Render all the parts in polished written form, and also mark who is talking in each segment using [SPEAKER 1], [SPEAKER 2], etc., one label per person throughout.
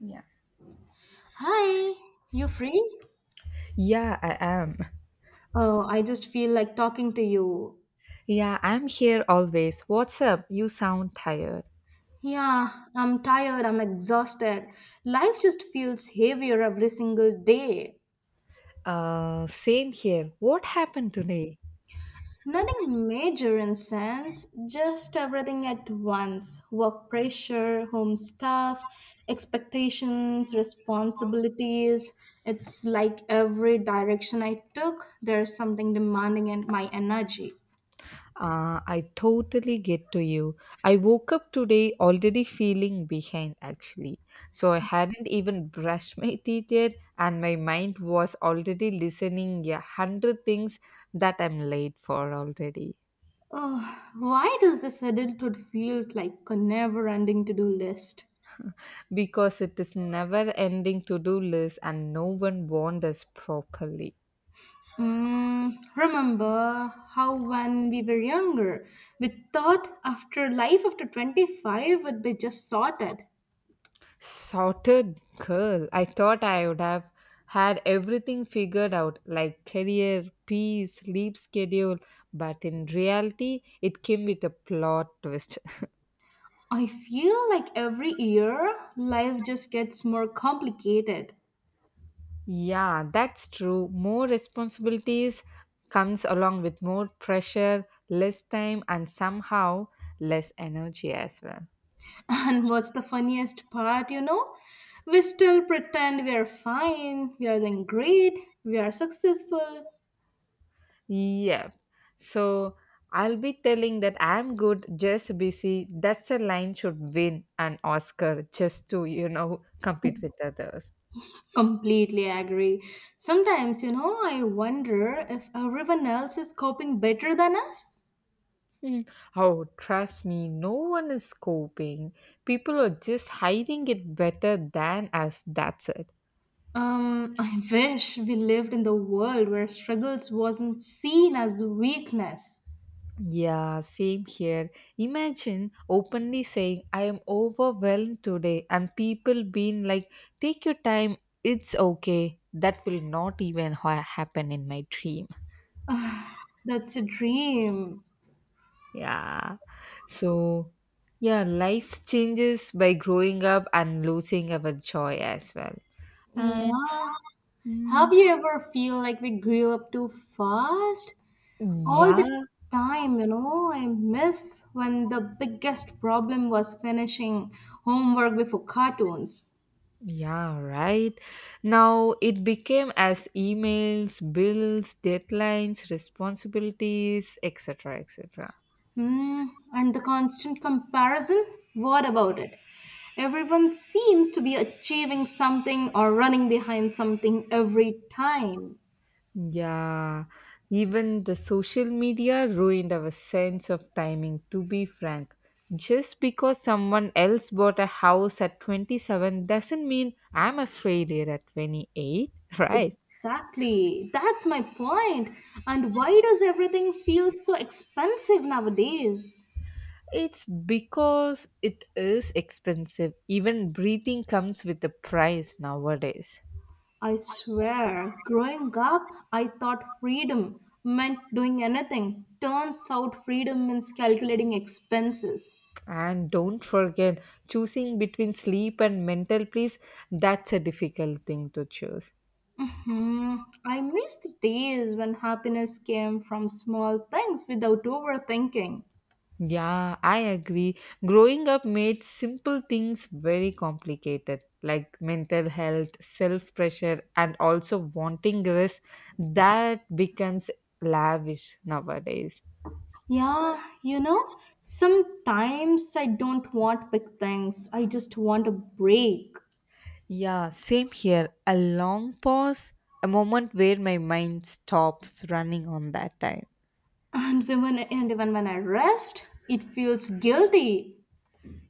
[SPEAKER 1] Yeah.
[SPEAKER 2] Hi, you free?
[SPEAKER 1] Yeah, I am.
[SPEAKER 2] Oh, I just feel like talking to you.
[SPEAKER 1] Yeah, I'm here always. What's up? You sound tired.
[SPEAKER 2] Yeah, I'm tired, I'm exhausted. Life just feels heavier every single day.
[SPEAKER 1] Same here. What happened today?
[SPEAKER 2] Nothing major in sense, just everything at once. Work pressure, home stuff, expectations, responsibilities. It's like every direction I took, there's something demanding in my energy.
[SPEAKER 1] I totally get to you. I woke up today already feeling behind, actually. So I hadn't even brushed my teeth yet, and my mind was already listening 100 things that I'm late for already.
[SPEAKER 2] Ugh, why does this adulthood feel like a never ending to do list?
[SPEAKER 1] Because it is never ending to do list, and no one warned us properly.
[SPEAKER 2] Remember how when we were younger, we thought after life after 25 would be just sorted.
[SPEAKER 1] Sorted girl. I thought I would have had everything figured out, like career, peace, sleep schedule, but in reality, it came with a plot twist.
[SPEAKER 2] I feel like every year life just gets more complicated.
[SPEAKER 1] Yeah, that's true. More responsibilities comes along with more pressure, less time, and somehow less energy as well.
[SPEAKER 2] And what's the funniest part, you know? We still pretend we are fine, we are doing great, we are successful.
[SPEAKER 1] Yeah. So I'll be telling that I'm good, just busy. That's a line should win an Oscar just to, you know, compete with others.
[SPEAKER 2] Completely agree. Sometimes, I wonder if everyone else is coping better than us.
[SPEAKER 1] Hmm. Oh, trust me, no one is coping. People are just hiding it better than us. That's it.
[SPEAKER 2] I wish we lived in the world where struggles wasn't seen as weakness.
[SPEAKER 1] Yeah, same here. Imagine openly saying, I am overwhelmed today, and people being like, take your time, it's okay. That will not even happen in my dream.
[SPEAKER 2] That's a dream.
[SPEAKER 1] Yeah. So, yeah, life changes by growing up and losing our joy as well. And
[SPEAKER 2] Yeah. Have
[SPEAKER 1] mm,
[SPEAKER 2] you ever feel like we grew up too fast? All
[SPEAKER 1] yeah,
[SPEAKER 2] the time, I miss when the biggest problem was finishing homework before cartoons.
[SPEAKER 1] yeah, right. Now it became as emails, bills, deadlines, responsibilities, etc., etc.
[SPEAKER 2] Hmm, and the constant comparison? What about it? Everyone seems to be achieving something or running behind something every time.
[SPEAKER 1] Yeah, even the social media ruined our sense of timing, to be frank. Just because someone else bought a house at 27 doesn't mean I'm a failure at 28, right?
[SPEAKER 2] Exactly. That's my point. And why does everything feel so expensive nowadays?
[SPEAKER 1] It's because it is expensive. Even breathing comes with a price nowadays.
[SPEAKER 2] I swear, growing up, I thought freedom meant doing anything. Turns out freedom means calculating expenses.
[SPEAKER 1] And don't forget, choosing between sleep and mental peace, that's a difficult thing to choose.
[SPEAKER 2] I miss the days when happiness came from small things without overthinking.
[SPEAKER 1] Yeah, I agree. Growing up made simple things very complicated, like mental health, self pressure, and also wanting rest. That becomes lavish nowadays.
[SPEAKER 2] Yeah, sometimes I don't want big things. I just want a break.
[SPEAKER 1] Yeah, same here. A long pause, a moment where my mind stops running on that time.
[SPEAKER 2] And when and even when I rest, it feels guilty.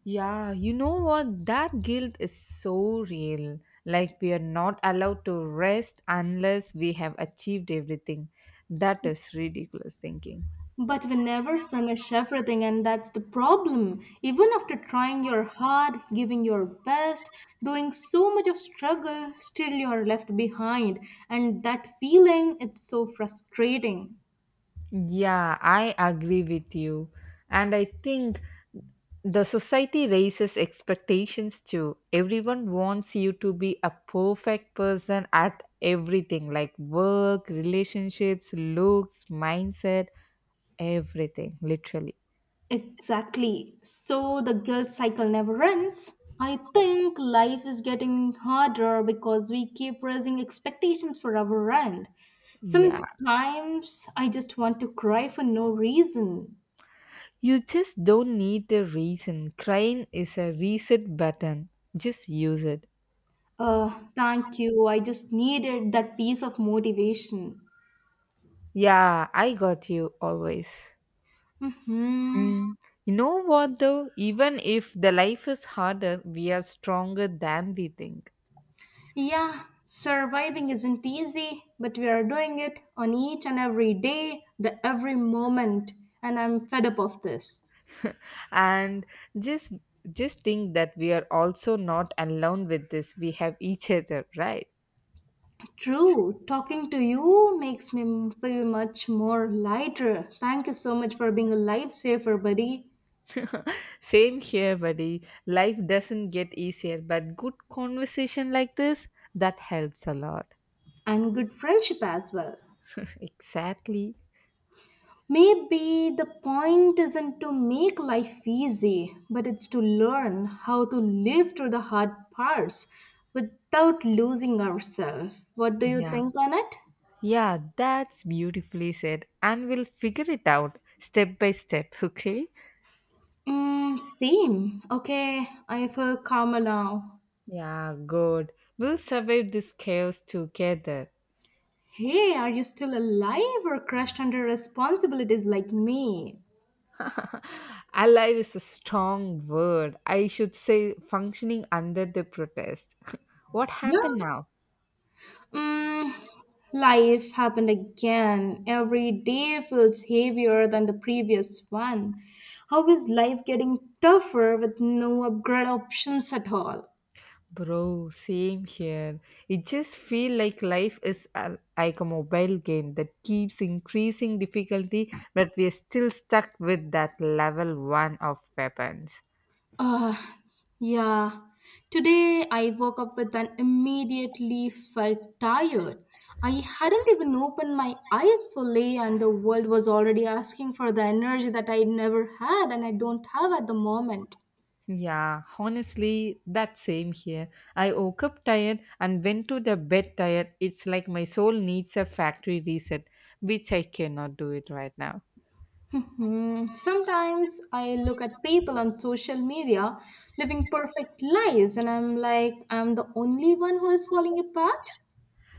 [SPEAKER 1] Yeah, you know what? That guilt is so real. Like, we are not allowed to rest unless we have achieved everything. That is ridiculous thinking.
[SPEAKER 2] But we never finish everything, and that's the problem. Even after trying your hard, giving your best, doing so much of struggle, still you're left behind. And that feeling, it's so frustrating.
[SPEAKER 1] Yeah, I agree with you. And I think the society raises expectations too. Everyone wants you to be a perfect person at everything like work, relationships, looks, mindset, everything, literally.
[SPEAKER 2] Exactly. So the guilt cycle never ends. I think life is getting harder because we keep raising expectations for our end.
[SPEAKER 1] Yeah.
[SPEAKER 2] Sometimes I just want to cry for no reason.
[SPEAKER 1] You just don't need a reason. Crying is a reset button. Just use it.
[SPEAKER 2] Thank you. I just needed that piece of motivation.
[SPEAKER 1] Yeah, I got you always.
[SPEAKER 2] Hmm.
[SPEAKER 1] Mm. You know what though? Even if the life is harder, we are stronger than we think.
[SPEAKER 2] Yeah, surviving isn't easy, but we are doing it on each and every day, the every moment, and I'm fed up of this.
[SPEAKER 1] And just just think that we are also not alone with this. We have each other, right?
[SPEAKER 2] True, talking to you makes me feel much more lighter. Thank you so much for being a lifesaver, buddy,
[SPEAKER 1] Same here, buddy. Life doesn't get easier, but good conversation like this that helps a lot.
[SPEAKER 2] and good friendship as well.
[SPEAKER 1] Exactly.
[SPEAKER 2] Maybe the point isn't to make life easy, but it's to learn how to live through the hard parts without losing ourselves. What do you
[SPEAKER 1] Yeah.
[SPEAKER 2] think, Annette?
[SPEAKER 1] Yeah, that's beautifully said. And we'll figure it out step by step, okay?
[SPEAKER 2] Mm, same. Okay, I feel calmer now.
[SPEAKER 1] Yeah, good. We'll survive this chaos together.
[SPEAKER 2] Hey, are you still alive or crushed under responsibilities like me?
[SPEAKER 1] Alive is a strong word. I should say functioning under the protest. What
[SPEAKER 2] Yeah,
[SPEAKER 1] happened now?
[SPEAKER 2] Mm, life's happened again. Every day feels heavier than the previous one. How is life getting tougher with no upgrade options at all?
[SPEAKER 1] Bro, same here. It just feel like life is a, like a mobile game that keeps increasing difficulty, but we are still stuck with that level 1 of weapons.
[SPEAKER 2] Uh, yeah. Today I woke up with an immediately felt tired. I hadn't even opened my eyes fully, and the world was already asking for the energy that I never had and I don't have at the moment.
[SPEAKER 1] Yeah, honestly, that same here. I woke up tired and went to the bed tired. It's like my soul needs a factory reset, which I cannot do it right now.
[SPEAKER 2] Mhm. Sometimes I look at people on social media living perfect lives, and I'm like, I'm the only one who is falling apart.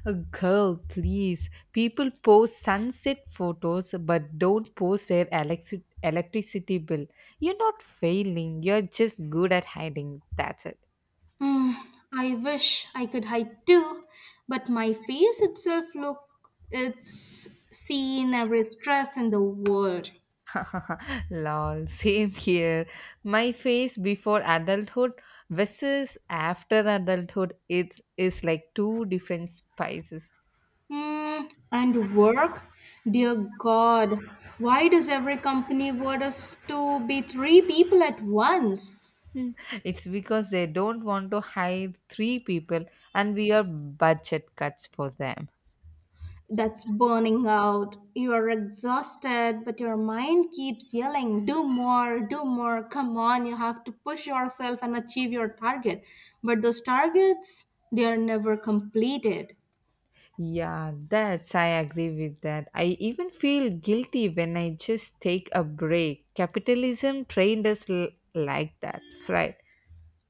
[SPEAKER 1] A girl, please. People post sunset photos but don't post their electricity bill. You're not failing, you're just good at hiding. That's it.
[SPEAKER 2] Hmm, I wish I could hide too, but my face itself look it's seen every stress in the world.
[SPEAKER 1] Lol, same here. My face before adulthood versus after adulthood, it is like two different spices.
[SPEAKER 2] Hmm, and work, dear God, why does every company want us to be three people at once?
[SPEAKER 1] Hmm. It's because they don't want to hire three people and we are budget cuts for them.
[SPEAKER 2] That's burning out. You are exhausted, but your mind keeps yelling, do more, do more, come on, you have to push yourself and achieve your target. But those targets, they are never completed.
[SPEAKER 1] Yeah, that's I agree with that. I even feel guilty when I just take a break. Capitalism trained us like that, right?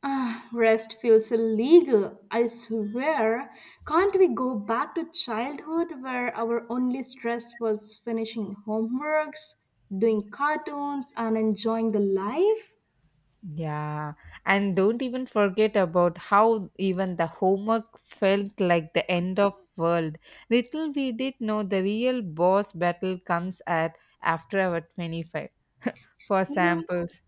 [SPEAKER 2] Ah, rest feels illegal. I swear. Can't we go back to childhood where our only stress was finishing homeworks, doing cartoons, and enjoying the life?
[SPEAKER 1] Yeah, and don't even forget about how even the homework felt like the end of world. Little we did know the real boss battle comes at after our 25. For
[SPEAKER 2] Yeah.
[SPEAKER 1] samples,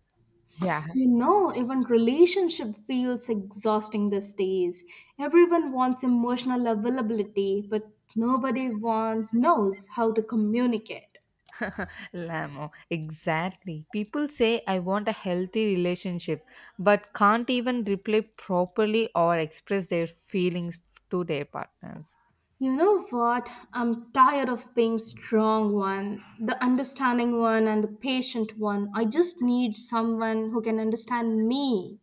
[SPEAKER 1] yeah,
[SPEAKER 2] You know, even relationship feels exhausting these days. Everyone wants emotional availability, but nobody knows how to communicate.
[SPEAKER 1] Lamo, exactly. People say I want a healthy relationship, but can't even reply properly or express their feelings to their partners.
[SPEAKER 2] You know what? I'm tired of being strong one, the understanding one and the patient one. I just need someone who can understand me.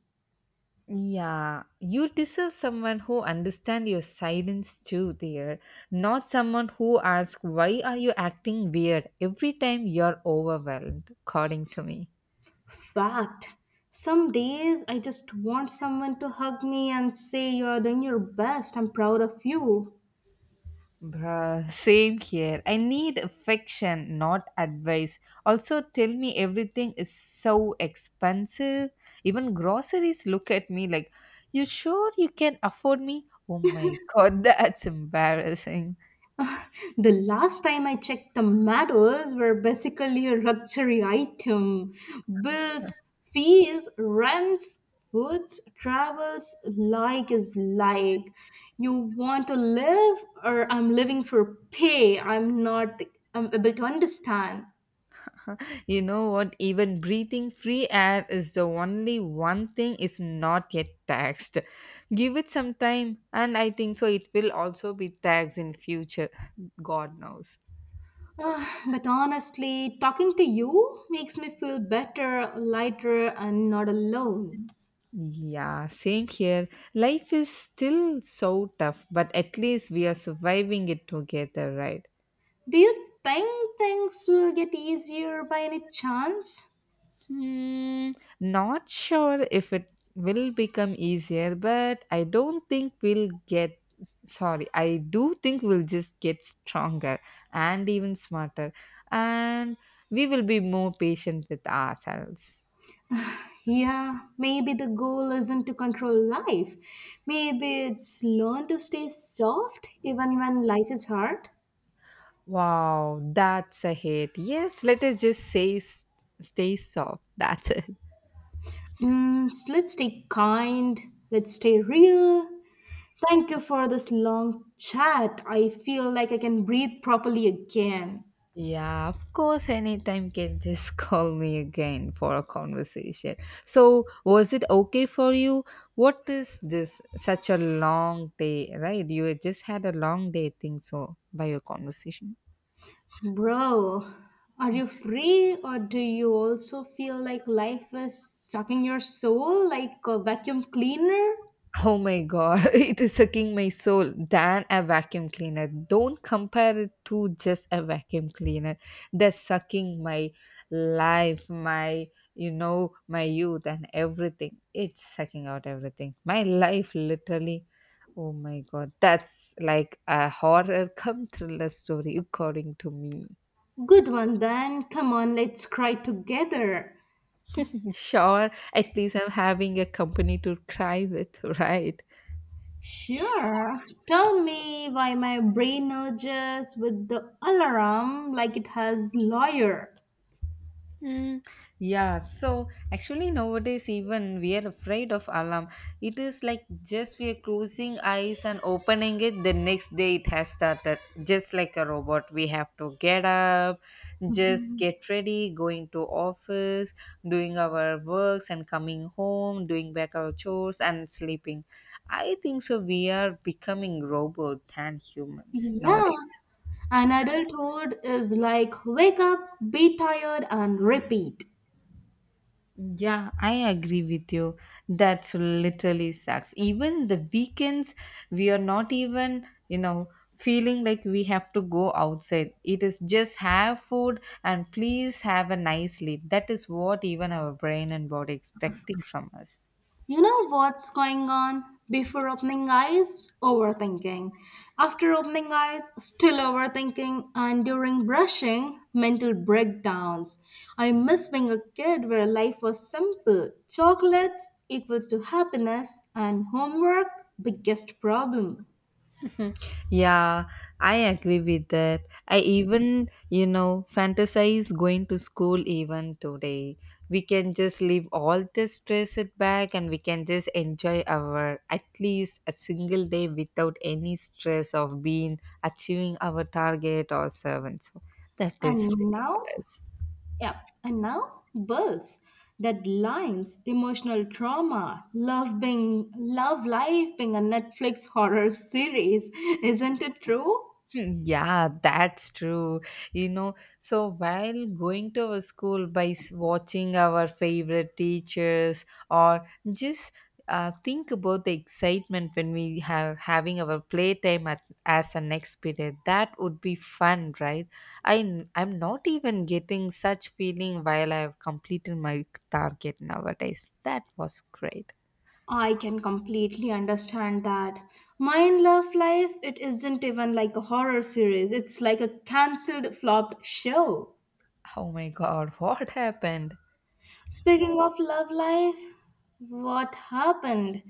[SPEAKER 1] Yeah, you deserve someone who understand your silence too there, not someone who asks why are you acting weird every time you're overwhelmed, according to me.
[SPEAKER 2] Fact. Some days I just want someone to hug me and say you're doing your best. I'm proud of you.
[SPEAKER 1] Bruh, same here. I need affection, not advice. Also, tell me everything is so expensive. Even groceries look at me like, you sure you can afford me? Oh my god, that's embarrassing.
[SPEAKER 2] The last time I checked, tomatoes were basically a luxury item. Bills, fees, rents, foods, travels, like is like. You want to live, or I'm living for pay. I'm not I'm able to understand.
[SPEAKER 1] You know what? Even breathing free air is the only one thing is not yet taxed. Give it some time, and I think so. It will also be taxed in future. God knows.
[SPEAKER 2] Ah, but honestly, talking to you makes me feel better, lighter, and not alone.
[SPEAKER 1] Yeah, same here. Life is still so tough, but at least we are surviving it together, right?
[SPEAKER 2] Do you think things will get easier by any chance?
[SPEAKER 1] Hmm, not sure if it will become easier, but I don't think we'll get sorry, I do think we'll just get stronger and even smarter, and we will be more patient with ourselves.
[SPEAKER 2] Yeah, maybe the goal isn't to control life. Maybe it's learn to stay soft even when life is hard.
[SPEAKER 1] Wow, that's a hit. Yes, let us just say stay soft. That's it.
[SPEAKER 2] Let's stay kind. Let's stay real. Thank you for this long chat. I feel like I can breathe properly again.
[SPEAKER 1] Yeah, of course, anytime can just call me again for a conversation. So, was it okay for you? What is this such a long day, right? You had just had a long day, I think so, by your conversation.
[SPEAKER 2] Bro, are you free or do you also feel like life is sucking your soul like a vacuum cleaner?
[SPEAKER 1] Oh my god, it is sucking my soul than a vacuum cleaner. Don't compare it to just a vacuum cleaner. They're sucking my life, my you know, my youth and everything. It's sucking out everything. My life literally oh my god. That's like a horror come thriller story according to me.
[SPEAKER 2] Good one then. Come on, let's cry together.
[SPEAKER 1] Sure, at least I'm having a company to cry with, right?
[SPEAKER 2] Sure. Tell me why my brain urges with the alarm like it has lawyer.
[SPEAKER 1] Mm, yeah, so actually nowadays even we are afraid of alarm. It is like just we are closing eyes and opening it the next day it has started. Just like a robot, we have to get up, just get ready, going to office, doing our works and coming home, doing back our chores and sleeping. I think so we are becoming robot than humans
[SPEAKER 2] Yeah.
[SPEAKER 1] nowadays.
[SPEAKER 2] And adulthood is like wake up, be tired, and repeat.
[SPEAKER 1] Yeah, I agree with you. That's literally sucks. Even the weekends, we are not even, you know, feeling like we have to go outside. It is just have food and please have a nice sleep. That is what even our brain and body expecting from us.
[SPEAKER 2] You know what's going on? Before opening eyes, overthinking. After opening eyes, still overthinking. And during brushing, mental breakdowns. I miss being a kid where life was simple. Chocolates equals to happiness, and homework, biggest problem.
[SPEAKER 1] Yeah, I agree with that. I even, you know, fantasize going to school even today. We can just leave all the stress at back and we can just enjoy our at least a single day without any stress of being achieving our target or servant. So that is
[SPEAKER 2] And now?
[SPEAKER 1] ridiculous.
[SPEAKER 2] Yeah. And now bills, deadlines, emotional trauma, love life being a Netflix horror series. Isn't it true?
[SPEAKER 1] Hmm, yeah, that's true. You know, so while going to our school by watching our favorite teachers or just think about the excitement when we are having our playtime at, as an next period. That would be fun, right? I'm not even getting such feeling while I have completed my target nowadays. That was great.
[SPEAKER 2] I can completely understand that. My love life, it isn't even like a horror series. It's like a cancelled flopped show.
[SPEAKER 1] Oh my god, what happened?
[SPEAKER 2] Speaking of love life, what happened?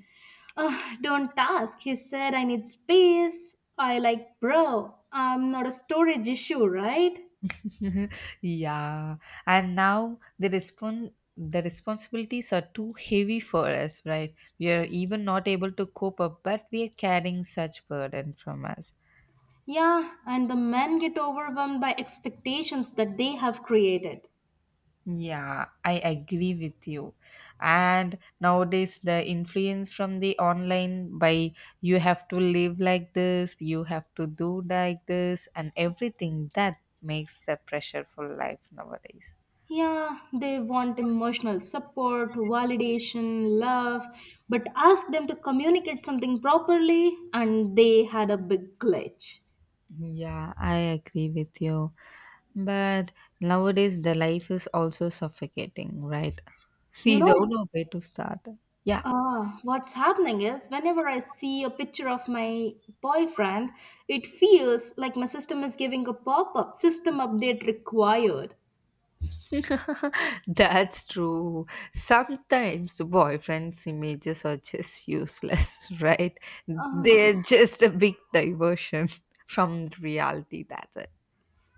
[SPEAKER 2] Ugh, don't ask. He said, I need space. I like, bro, I'm not a storage issue, right?
[SPEAKER 1] Yeah, and now the responsibilities are too heavy for us, right? We are even not able to cope up, but we are carrying such burden from us.
[SPEAKER 2] Yeah, and the men get overwhelmed by expectations that they have created.
[SPEAKER 1] Yeah, I agree with you. And nowadays the influence from the online by, you have to live like this, you have to do like this and everything, that makes the pressure for life nowadays.
[SPEAKER 2] Yeah, they want emotional support, validation, love, but ask them to communicate something properly, and they had a big glitch.
[SPEAKER 1] Yeah, I agree with you. But nowadays, the life is also suffocating, right?
[SPEAKER 2] You
[SPEAKER 1] We don't
[SPEAKER 2] know
[SPEAKER 1] know where to start. Yeah,
[SPEAKER 2] What's happening is whenever I see a picture of my boyfriend, it feels like my system is giving a pop up system update required.
[SPEAKER 1] that's true. Sometimes boyfriends' images are just useless, right?
[SPEAKER 2] Uh,
[SPEAKER 1] They're just a big diversion from reality. That's it.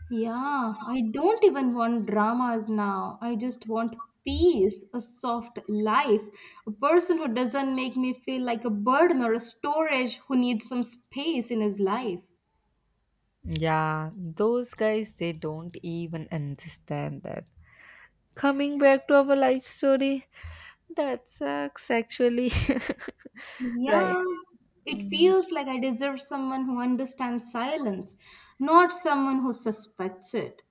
[SPEAKER 2] yeah, I don't even want dramas now. I just want peace, a soft life, a person who doesn't make me feel like a burden or a storage who needs some space in his life.
[SPEAKER 1] Yeah, those guys, they don't even understand that. Coming back to our life story, that sucks actually. Right.
[SPEAKER 2] Yeah, it
[SPEAKER 1] Mm,
[SPEAKER 2] feels like I deserve someone who understands silence, not someone who suspects it.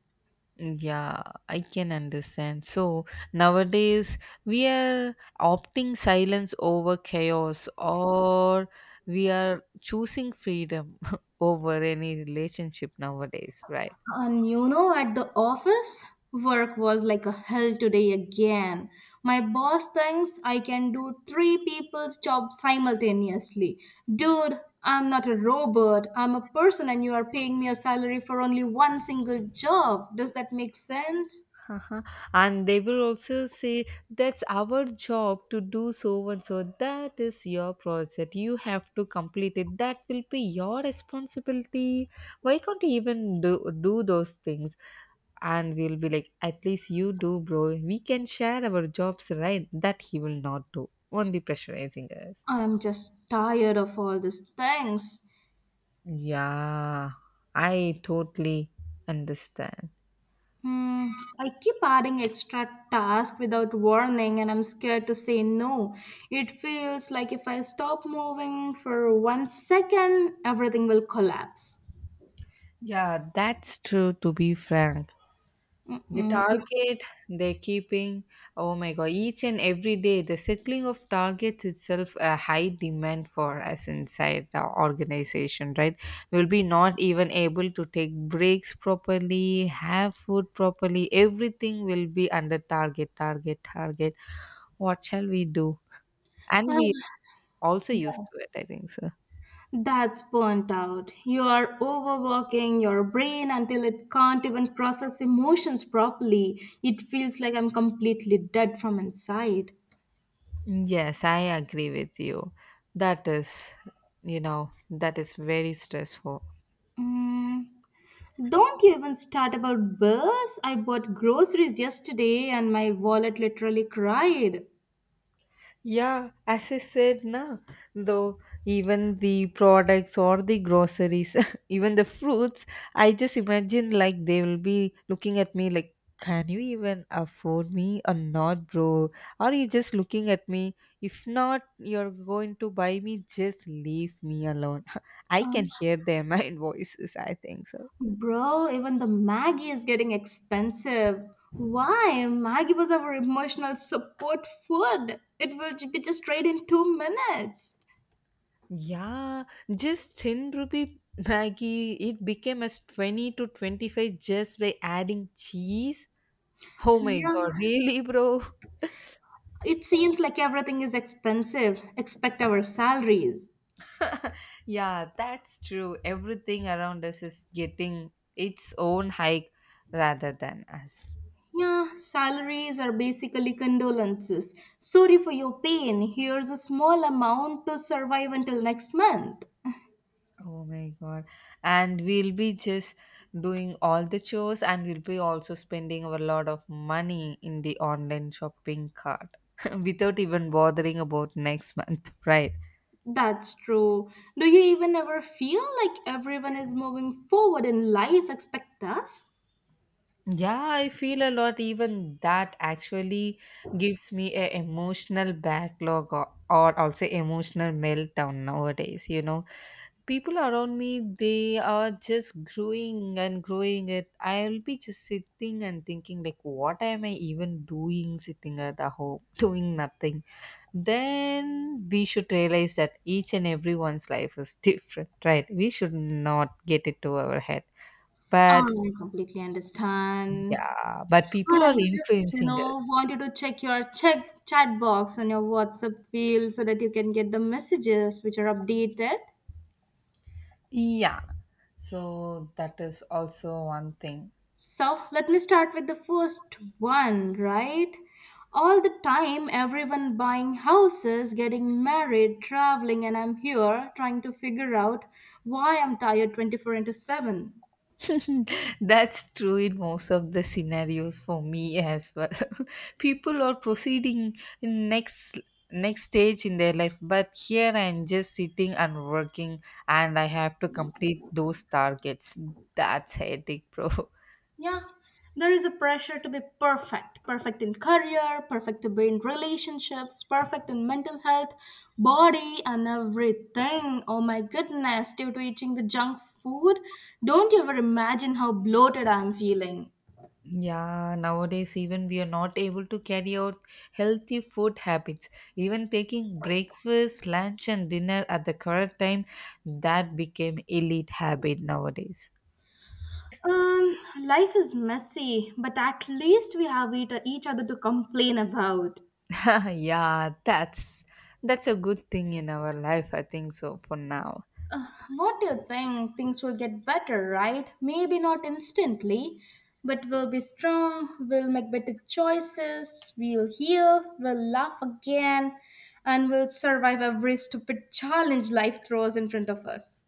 [SPEAKER 1] yeah, I can understand. So nowadays we are opting silence over chaos, or we are choosing freedom over any relationship nowadays, right?
[SPEAKER 2] And at the office, work was like a hell today again. My boss thinks I can do three people's job simultaneously. Dude, I'm not a robot. I'm a person, and you are paying me a salary for only one single job. Does that make sense?
[SPEAKER 1] Uh-huh. And they will also say that's our job to do so and so. That is your project. You have to complete it. That will be your responsibility. Why can't you even do those things? And we'll be like, at least you do, bro. We can share our jobs, right? That he will not do. Only pressurizing us.
[SPEAKER 2] I'm just tired of all these things.
[SPEAKER 1] Yeah, I totally understand.
[SPEAKER 2] Hmm, I keep adding extra tasks without warning, and I'm scared to say no. It feels like if I stop moving for one second, everything will collapse.
[SPEAKER 1] Yeah, that's true to be frank. The
[SPEAKER 2] Mm-mm. If,
[SPEAKER 1] target they're keeping, oh my god, each and every day the settling of targets itself a high demand for us inside the organization, right? We'll be not even able to take breaks properly, have food properly, everything will be under target target target. What shall we do? And
[SPEAKER 2] well,
[SPEAKER 1] we also used
[SPEAKER 2] that-
[SPEAKER 1] to it, I think so.
[SPEAKER 2] that's burnt out. You are overworking your brain until it can't even process emotions properly. It feels like I'm completely dead from inside.
[SPEAKER 1] Yes, I agree with you. That is, you know, that is very stressful.
[SPEAKER 2] Mm. Don't you even start about bills. I bought groceries yesterday and my wallet literally cried.
[SPEAKER 1] Yeah, as I said, na, though even the products or the groceries, even the fruits, I just imagine like they will be looking at me like, can you even afford me or not, bro? Are you just looking at me? If not, you're going to buy me, just leave me alone. I can
[SPEAKER 2] Um,
[SPEAKER 1] hear their mind voices, I think so.
[SPEAKER 2] Bro, even the Maggie is getting expensive. Why? Maggie was our emotional support food. It will be just ready in 2 minutes.
[SPEAKER 1] Yeah, just 10 rupee Maggie, it became as 20 to 25 just by adding cheese. Oh my
[SPEAKER 2] Yeah,
[SPEAKER 1] god, really, bro?
[SPEAKER 2] it seems like everything is expensive, except our salaries.
[SPEAKER 1] Yeah, that's true. Everything around us is getting its own hike rather than us.
[SPEAKER 2] Yeah, salaries are basically condolences. Sorry for your pain. Here's a small amount to survive until next month.
[SPEAKER 1] Oh my god. And we'll be just doing all the chores and we'll be also spending a lot of money in the online shopping cart without even bothering about next month, right?
[SPEAKER 2] That's true. Do you even ever feel like everyone is moving forward in life expect us?
[SPEAKER 1] Yeah, I feel a lot. Even that actually gives me a emotional backlog or also emotional meltdown nowadays. You know, people around me, they are just growing and growing it. I'll be just sitting and thinking like, what am I even doing sitting at the home doing nothing? Then we should realize that each and everyone's life is different, right? We should not get it to our head,
[SPEAKER 2] I
[SPEAKER 1] but
[SPEAKER 2] completely understand.
[SPEAKER 1] yeah, but people are
[SPEAKER 2] I just,
[SPEAKER 1] influencing us.
[SPEAKER 2] wanted to check your check chat box on your WhatsApp field so that you can get the messages which are updated.
[SPEAKER 1] Yeah. So that is also one thing.
[SPEAKER 2] So let me start with the first one, right? All the time, everyone buying houses, getting married, traveling, and I'm here trying to figure out why I'm tired 24/7.
[SPEAKER 1] That's true in most of the scenarios for me as well. People are proceeding in next stage in their life, but here I'm just sitting and working, and I have to complete those targets. That's headache, bro.
[SPEAKER 2] Yeah, there is a pressure to be perfect perfect in career, perfect to be in relationships, perfect in mental health, body, and everything. Oh my goodness, due to eating the junk food, don't you ever imagine how bloated I'm feeling.
[SPEAKER 1] Yeah, nowadays even we are not able to carry out healthy food habits. Even taking breakfast, lunch and dinner at the correct time, that became elite habit nowadays.
[SPEAKER 2] Um, Life is messy, but at least we have it, each other to complain about.
[SPEAKER 1] Yeah, that's a good thing in our life, I think so for now.
[SPEAKER 2] What do you think? Things will get better, right? Maybe not instantly, but we'll be strong, we'll make better choices, we'll heal, we'll laugh again, and we'll survive every stupid challenge life throws in front of us.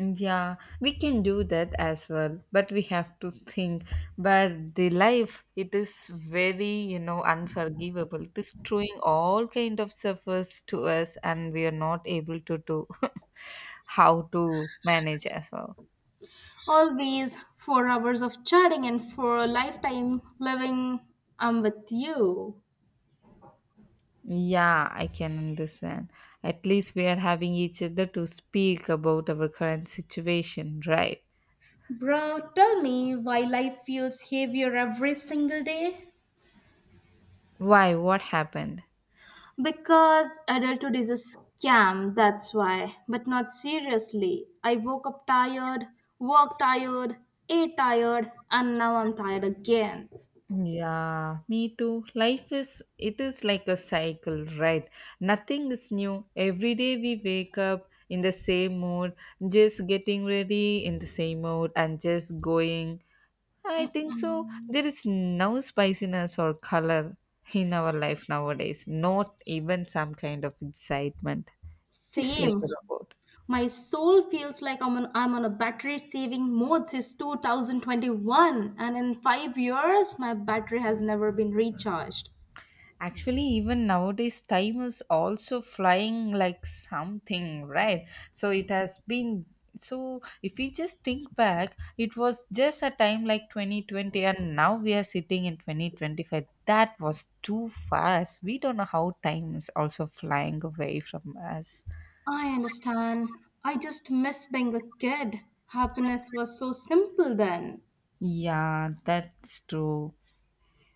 [SPEAKER 1] Yeah, we can do that as well, but we have to think. But the life, it is very, unforgivable. It is throwing all kind of suffers to us, and we are not able to do how to manage as well.
[SPEAKER 2] Always 4 hours of chatting and for a lifetime living, I'm with you.
[SPEAKER 1] Yeah, I can understand. At least we are having each other to speak about our current situation, right?
[SPEAKER 2] Bro, tell me why life feels heavier every single day?
[SPEAKER 1] Why? What happened?
[SPEAKER 2] Because adulthood is a scam, that's why. But not seriously. I woke up tired, worked tired, ate tired, and now I'm tired again.
[SPEAKER 1] Yeah, me too. Life is, it is like a cycle, right? Nothing is new. Every day we wake up in the same mood, just getting ready in the same mood and just going. I think so. There is no spiciness or color in our life nowadays, not even some kind of excitement, just like a
[SPEAKER 2] Same.
[SPEAKER 1] robot.
[SPEAKER 2] My soul feels like I'm on a battery saving mode since 2021, and in 5 years, my battery has never been recharged.
[SPEAKER 1] Actually, even nowadays, time is also flying like something, right? So it has been. So if we just think back, it was just a time like 2020, and now we are sitting in 2025. That was too fast. We don't know how time is also flying away from us.
[SPEAKER 2] I understand. I just miss being a kid. Happiness was so simple then.
[SPEAKER 1] Yeah, that's true.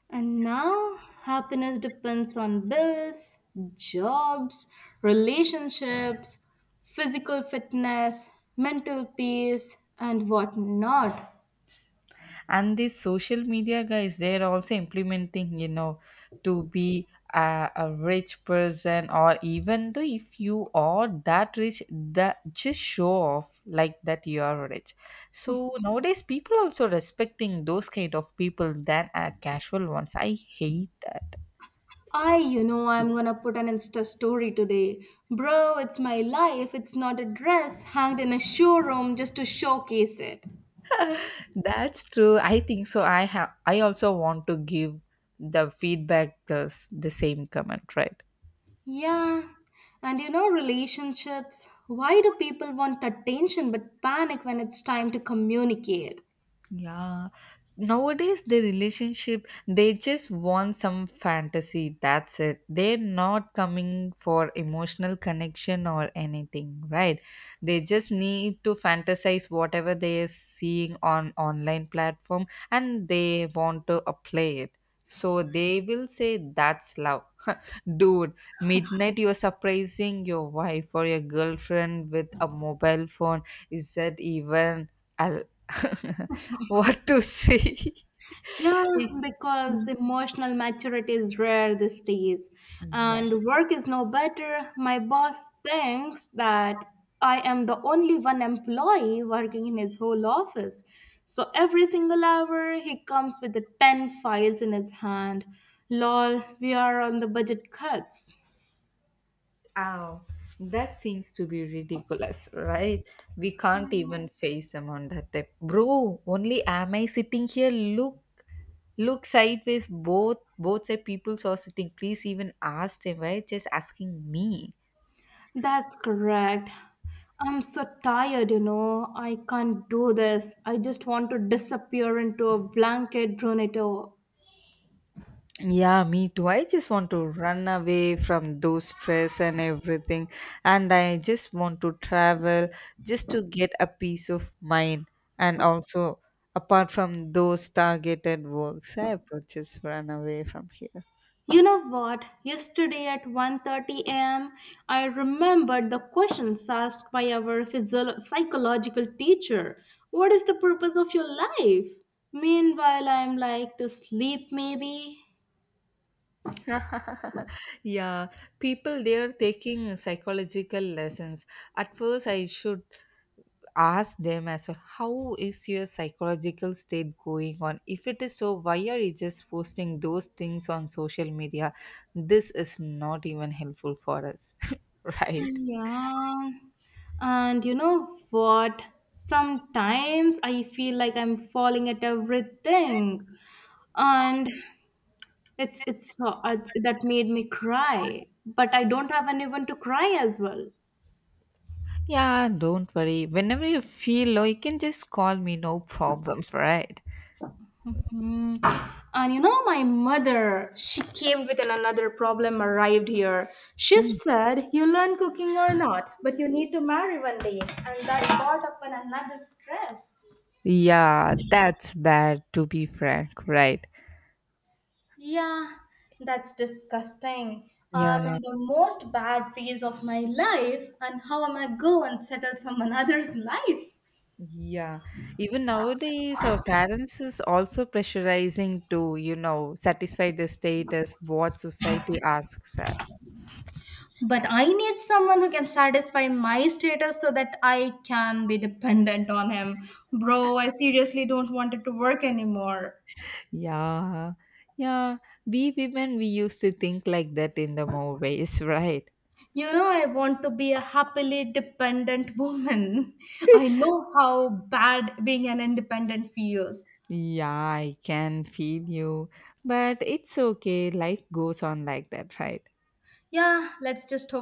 [SPEAKER 2] And now, happiness depends on bills, jobs, relationships, physical fitness, mental peace, and whatnot.
[SPEAKER 1] And these social media guys, they're also implementing, to be a rich person, or even though if you are that rich, that just show off like that you are rich. So nowadays people also respecting those kind of people than a casual ones. I hate that.
[SPEAKER 2] I'm gonna put an Insta story today. Bro, it's my life. It's not a dress hanged in a showroom just to showcase it.
[SPEAKER 1] That's true, I think so. I also want to give the feedback, the same comment, right?
[SPEAKER 2] Yeah, and relationships. Why do people want attention but panic when it's time to communicate?
[SPEAKER 1] Yeah. Nowadays, the relationship, they just want some fantasy. That's it. They're not coming for emotional connection or anything, right? They just need to fantasize whatever they are seeing on online platform and they want to apply it. So they will say that's love. Dude, midnight you're surprising your wife or your girlfriend with a mobile phone. Is that even al- what to say?
[SPEAKER 2] Yeah,
[SPEAKER 1] It-
[SPEAKER 2] because emotional maturity is rare these days,
[SPEAKER 1] yeah.
[SPEAKER 2] and work is no better. My boss thinks that I am the only one employee working in his whole office. So every single hour, he comes with the 10 files in his hand. Lol, we are on the budget cuts.
[SPEAKER 1] Oh, that seems to be ridiculous, right? We can't even face them on that type. Bro, only am I sitting here? Look, look sideways. Both side peoples are sitting. Please even ask them, right? Just asking me.
[SPEAKER 2] That's correct. I'm so tired. I can't do this. I just want to disappear into a blanket tornado.
[SPEAKER 1] Yeah, me too. I just want to run away from those stress and everything. And I just want to travel just to get a peace of mind. And also, apart from those targeted works, I would just run away from here.
[SPEAKER 2] You know what? Yesterday at 1:30 a.m., I remembered the questions asked by our psychological teacher. What is the purpose of your life? Meanwhile, I'm like to sleep maybe.
[SPEAKER 1] Yeah, people, they are taking psychological lessons. At first I should ask them as well, how is your psychological state going on? If it is so, why are you just posting those things on social media? This is not even helpful for us. Right.
[SPEAKER 2] Yeah. And you know what? Sometimes I feel like I'm falling at everything. And it's so, that made me cry. But I don't have anyone to cry as well.
[SPEAKER 1] Yeah, don't worry, whenever you feel low you can just call me, no problem, right?
[SPEAKER 2] Hmm. And my mother, she came with an another problem, arrived here. She
[SPEAKER 1] Mm.
[SPEAKER 2] said, You learn cooking or not, but you need to marry one day. And that brought up an another stress.
[SPEAKER 1] Yeah, that's bad to be frank, right?
[SPEAKER 2] Yeah, that's disgusting. I'm
[SPEAKER 1] Yeah.
[SPEAKER 2] in the most bad phase of my life, and how am I go and settle someone other's life?
[SPEAKER 1] Yeah, even nowadays, our parents is also pressurizing to, satisfy the status what society asks us.
[SPEAKER 2] But I need someone who can satisfy my status so that I can be dependent on him. Bro, I seriously don't want it to work anymore.
[SPEAKER 1] Yeah, yeah, we women, we used to think like that in the movies, right?
[SPEAKER 2] I want to be a happily dependent woman. I know how bad being an independent feels.
[SPEAKER 1] Yeah, I can feel you, but it's okay. Life goes on like that, right?
[SPEAKER 2] Yeah, let's just hope.